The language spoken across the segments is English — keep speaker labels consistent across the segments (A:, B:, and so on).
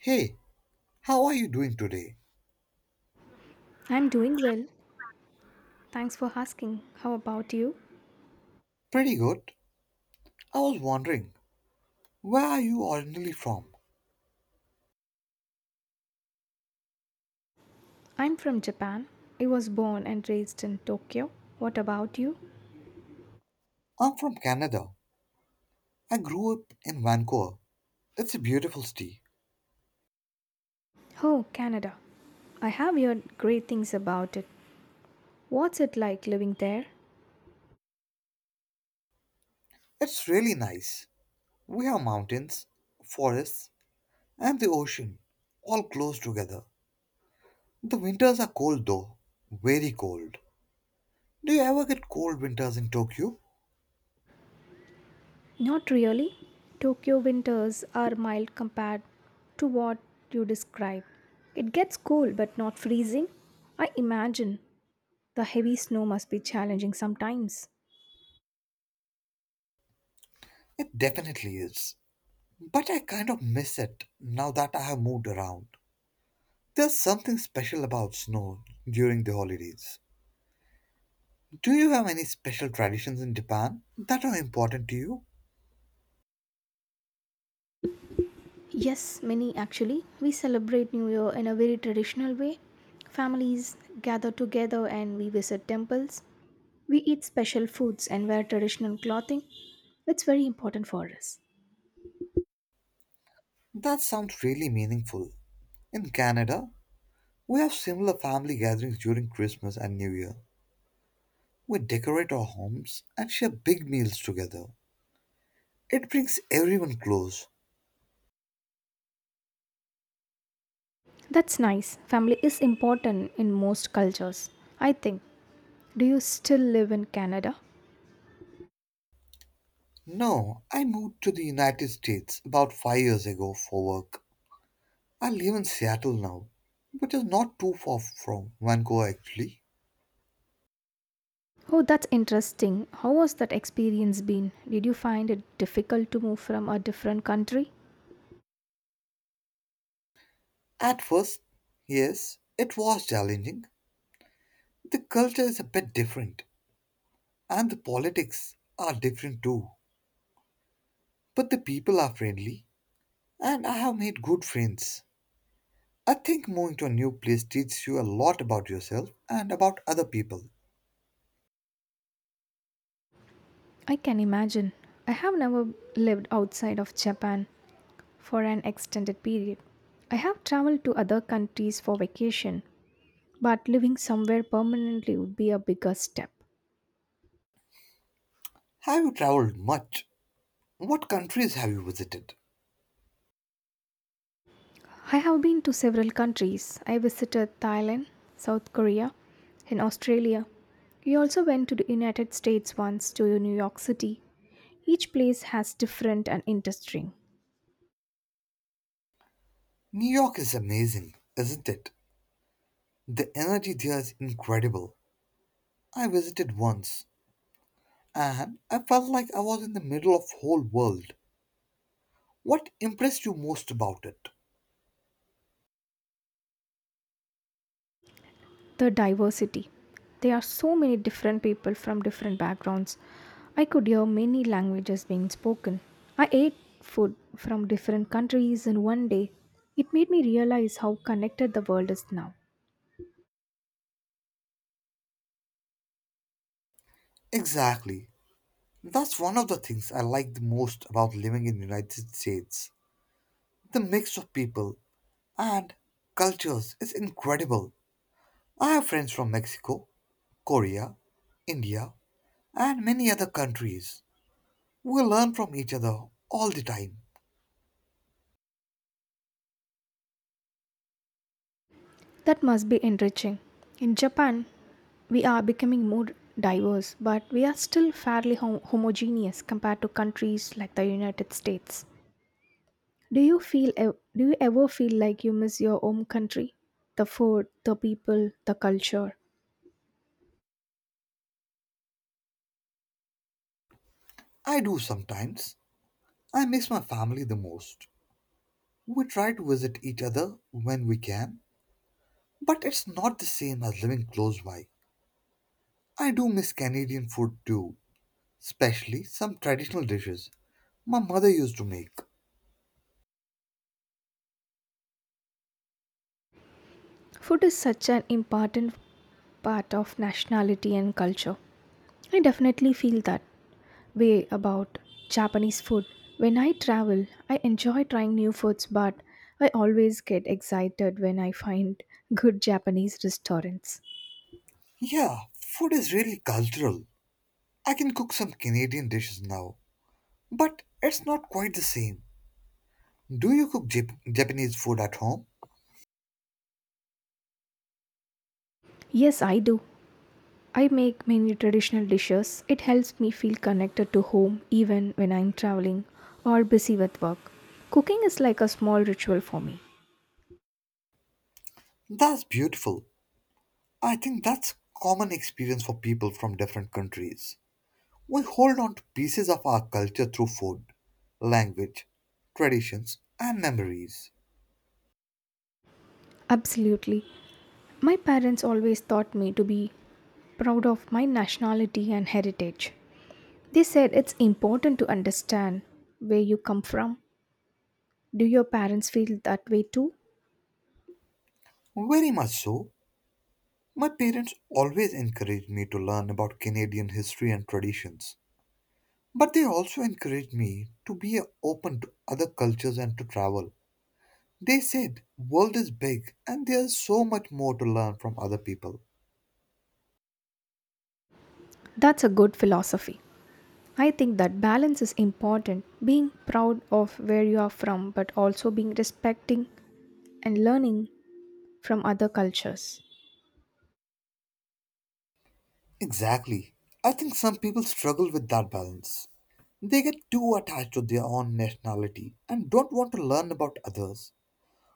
A: Hey, how are you doing today?
B: I'm doing well. Thanks for asking. How about you?
A: Pretty good. I was wondering, where are you originally from?
B: I'm from Japan. I was born and raised in Tokyo. What about you?
A: I'm from Canada. I grew up in Vancouver. It's a beautiful city.
B: Oh, Canada. I have heard great things about it. What's it like living there?
A: It's really nice. We have mountains, forests, and the ocean, all close together. The winters are cold though, very cold. Do you ever get cold winters in Tokyo?
B: Not really. Tokyo winters are mild compared to what you describe. It gets cool but not freezing. I imagine the heavy snow must be challenging sometimes.
A: It definitely is. But I kind of miss it now that I have moved around. There's something special about snow during the holidays. Do you have any special traditions in Japan that are important to you?
B: Yes, many actually. We celebrate New Year in a very traditional way. Families gather together and we visit temples. We eat special foods and wear traditional clothing. It's very important for us.
A: That sounds really meaningful. In Canada, we have similar family gatherings during Christmas and New Year. We decorate our homes and share big meals together. It brings everyone close.
B: That's nice. Family is important in most cultures, I think. Do you still live in Canada?
A: No, I moved to the United States about 5 years ago for work. I live in Seattle now, which is not too far from Vancouver actually.
B: Oh, that's interesting. How was that experience been? Did you find it difficult to move from a different country?
A: At first, yes, it was challenging. The culture is a bit different, and the politics are different too. But the people are friendly, and I have made good friends. I think moving to a new place teaches you a lot about yourself and about other people.
B: I can imagine. I have never lived outside of Japan for an extended period. I have traveled to other countries for vacation, but living somewhere permanently would be a bigger step.
A: Have you traveled much? What countries have you visited?
B: I have been to several countries. I visited Thailand, South Korea, and Australia. We also went to the United States once to New York City. Each place has different and interesting.
A: New York is amazing, isn't it? The energy there is incredible. I visited once and I felt like I was in the middle of whole world. What impressed you most about it?
B: The diversity. There are so many different people from different backgrounds. I could hear many languages being spoken. I ate food from different countries in one day. It made me realize how connected the world is now.
A: Exactly. That's one of the things I like the most about living in the United States. The mix of people and cultures is incredible. I have friends from Mexico, Korea, India, and many other countries. We learn from each other all the time.
B: That must be enriching. In Japan, we are becoming more diverse, but we are still fairly homogeneous compared to countries like the United States. Do you feel do you ever feel like you miss your home country? The food, the people, the culture.
A: I do sometimes. I miss my family the most. We try to visit each other when we can, but it's not the same as living close by. I do miss Canadian food too, especially some traditional dishes my mother used to make.
B: Food is such an important part of nationality and culture. I definitely feel that way about Japanese food. When I travel, I enjoy trying new foods, but I always get excited when I find good Japanese restaurants.
A: Yeah, food is really cultural. I can cook some Canadian dishes now, but it's not quite the same. Do you cook Jap- Japanese food at home?
B: Yes, I do. I make many traditional dishes. It helps me feel connected to home even when I'm traveling or busy with work. Cooking is like a small ritual for me.
A: That's beautiful. I think that's common experience for people from different countries. We hold on to pieces of our culture through food, language, traditions, and memories.
B: Absolutely. My parents always taught me to be proud of my nationality and heritage. They said it's important to understand where you come from. Do your parents feel that way too?
A: Very much so. My parents always encouraged me to learn about Canadian history and traditions. But they also encouraged me to be open to other cultures and to travel. They said, world is big and there's so much more to learn from other people.
B: That's a good philosophy. I think that balance is important. Being proud of where you are from, but also being respecting and learning from other cultures.
A: Exactly. I think some people struggle with that balance. They get too attached to their own nationality and don't want to learn about others.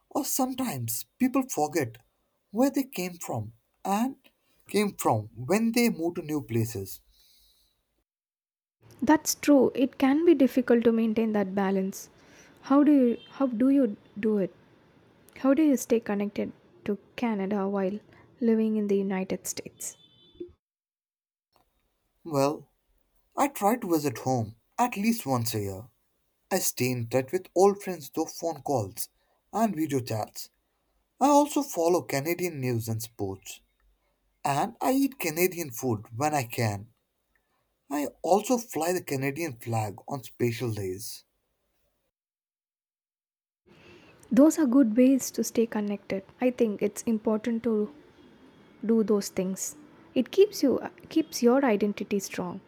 A: Or sometimes people forget where they came from and came from when they move to new places.
B: That's true. It can be difficult to maintain that balance. How do you do it? How do you stay connected to Canada while living in the United States?
A: Well, I try to visit home at least once a year. I stay in touch with old friends through phone calls and video chats. I also follow Canadian news and sports. And I eat Canadian food when I can. I also fly the Canadian flag on special days.
B: Those are good ways to stay connected. I think it's important to do those things. It keeps you Keeps your identity strong.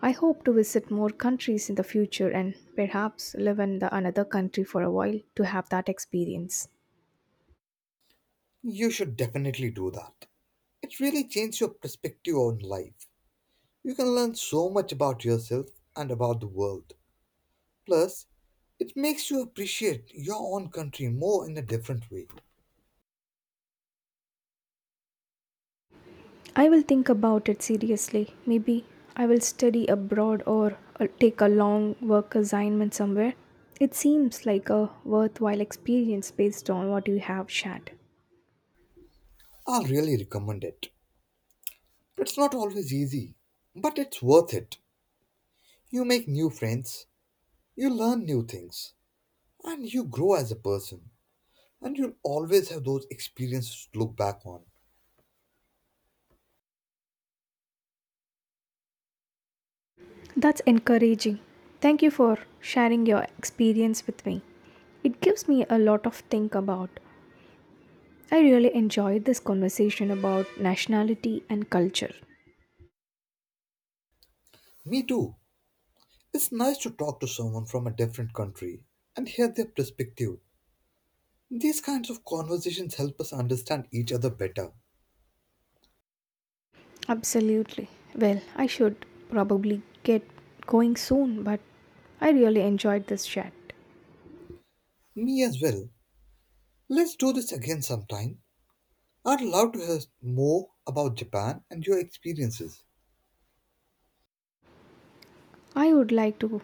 B: I hope to visit more countries in the future and perhaps live in the another country for a while to have that experience.
A: You should definitely do that. It really changed your perspective on life. You can learn so much about yourself and about the world. Plus, it makes you appreciate your own country more in a different way.
B: I will think about it seriously. Maybe I will study abroad or take a long work assignment somewhere. It seems like a worthwhile experience based on what you have shared.
A: I'll really recommend it. It's not always easy, but it's worth it. You make new friends, you learn new things, and you grow as a person. And you'll always have those experiences to look back on.
B: That's encouraging. Thank you for sharing your experience with me. It gives me a lot of think about. I really enjoyed this conversation about nationality and culture.
A: Me too. It's nice to talk to someone from a different country and hear their perspective. These kinds of conversations help us understand each other better.
B: Absolutely. Well, I should probably get going soon, but I really enjoyed this chat.
A: Me as well. Let's do this again sometime. I'd love to hear more about Japan and your experiences.
B: I would like to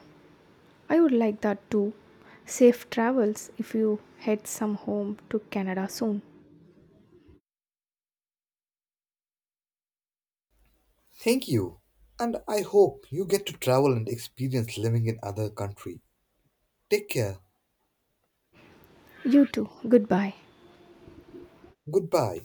B: I would like that too. Safe travels if you head some home to Canada soon.
A: Thank you. And I hope you get to travel and experience living in other country. Take care.
B: You too. Goodbye.
A: Goodbye.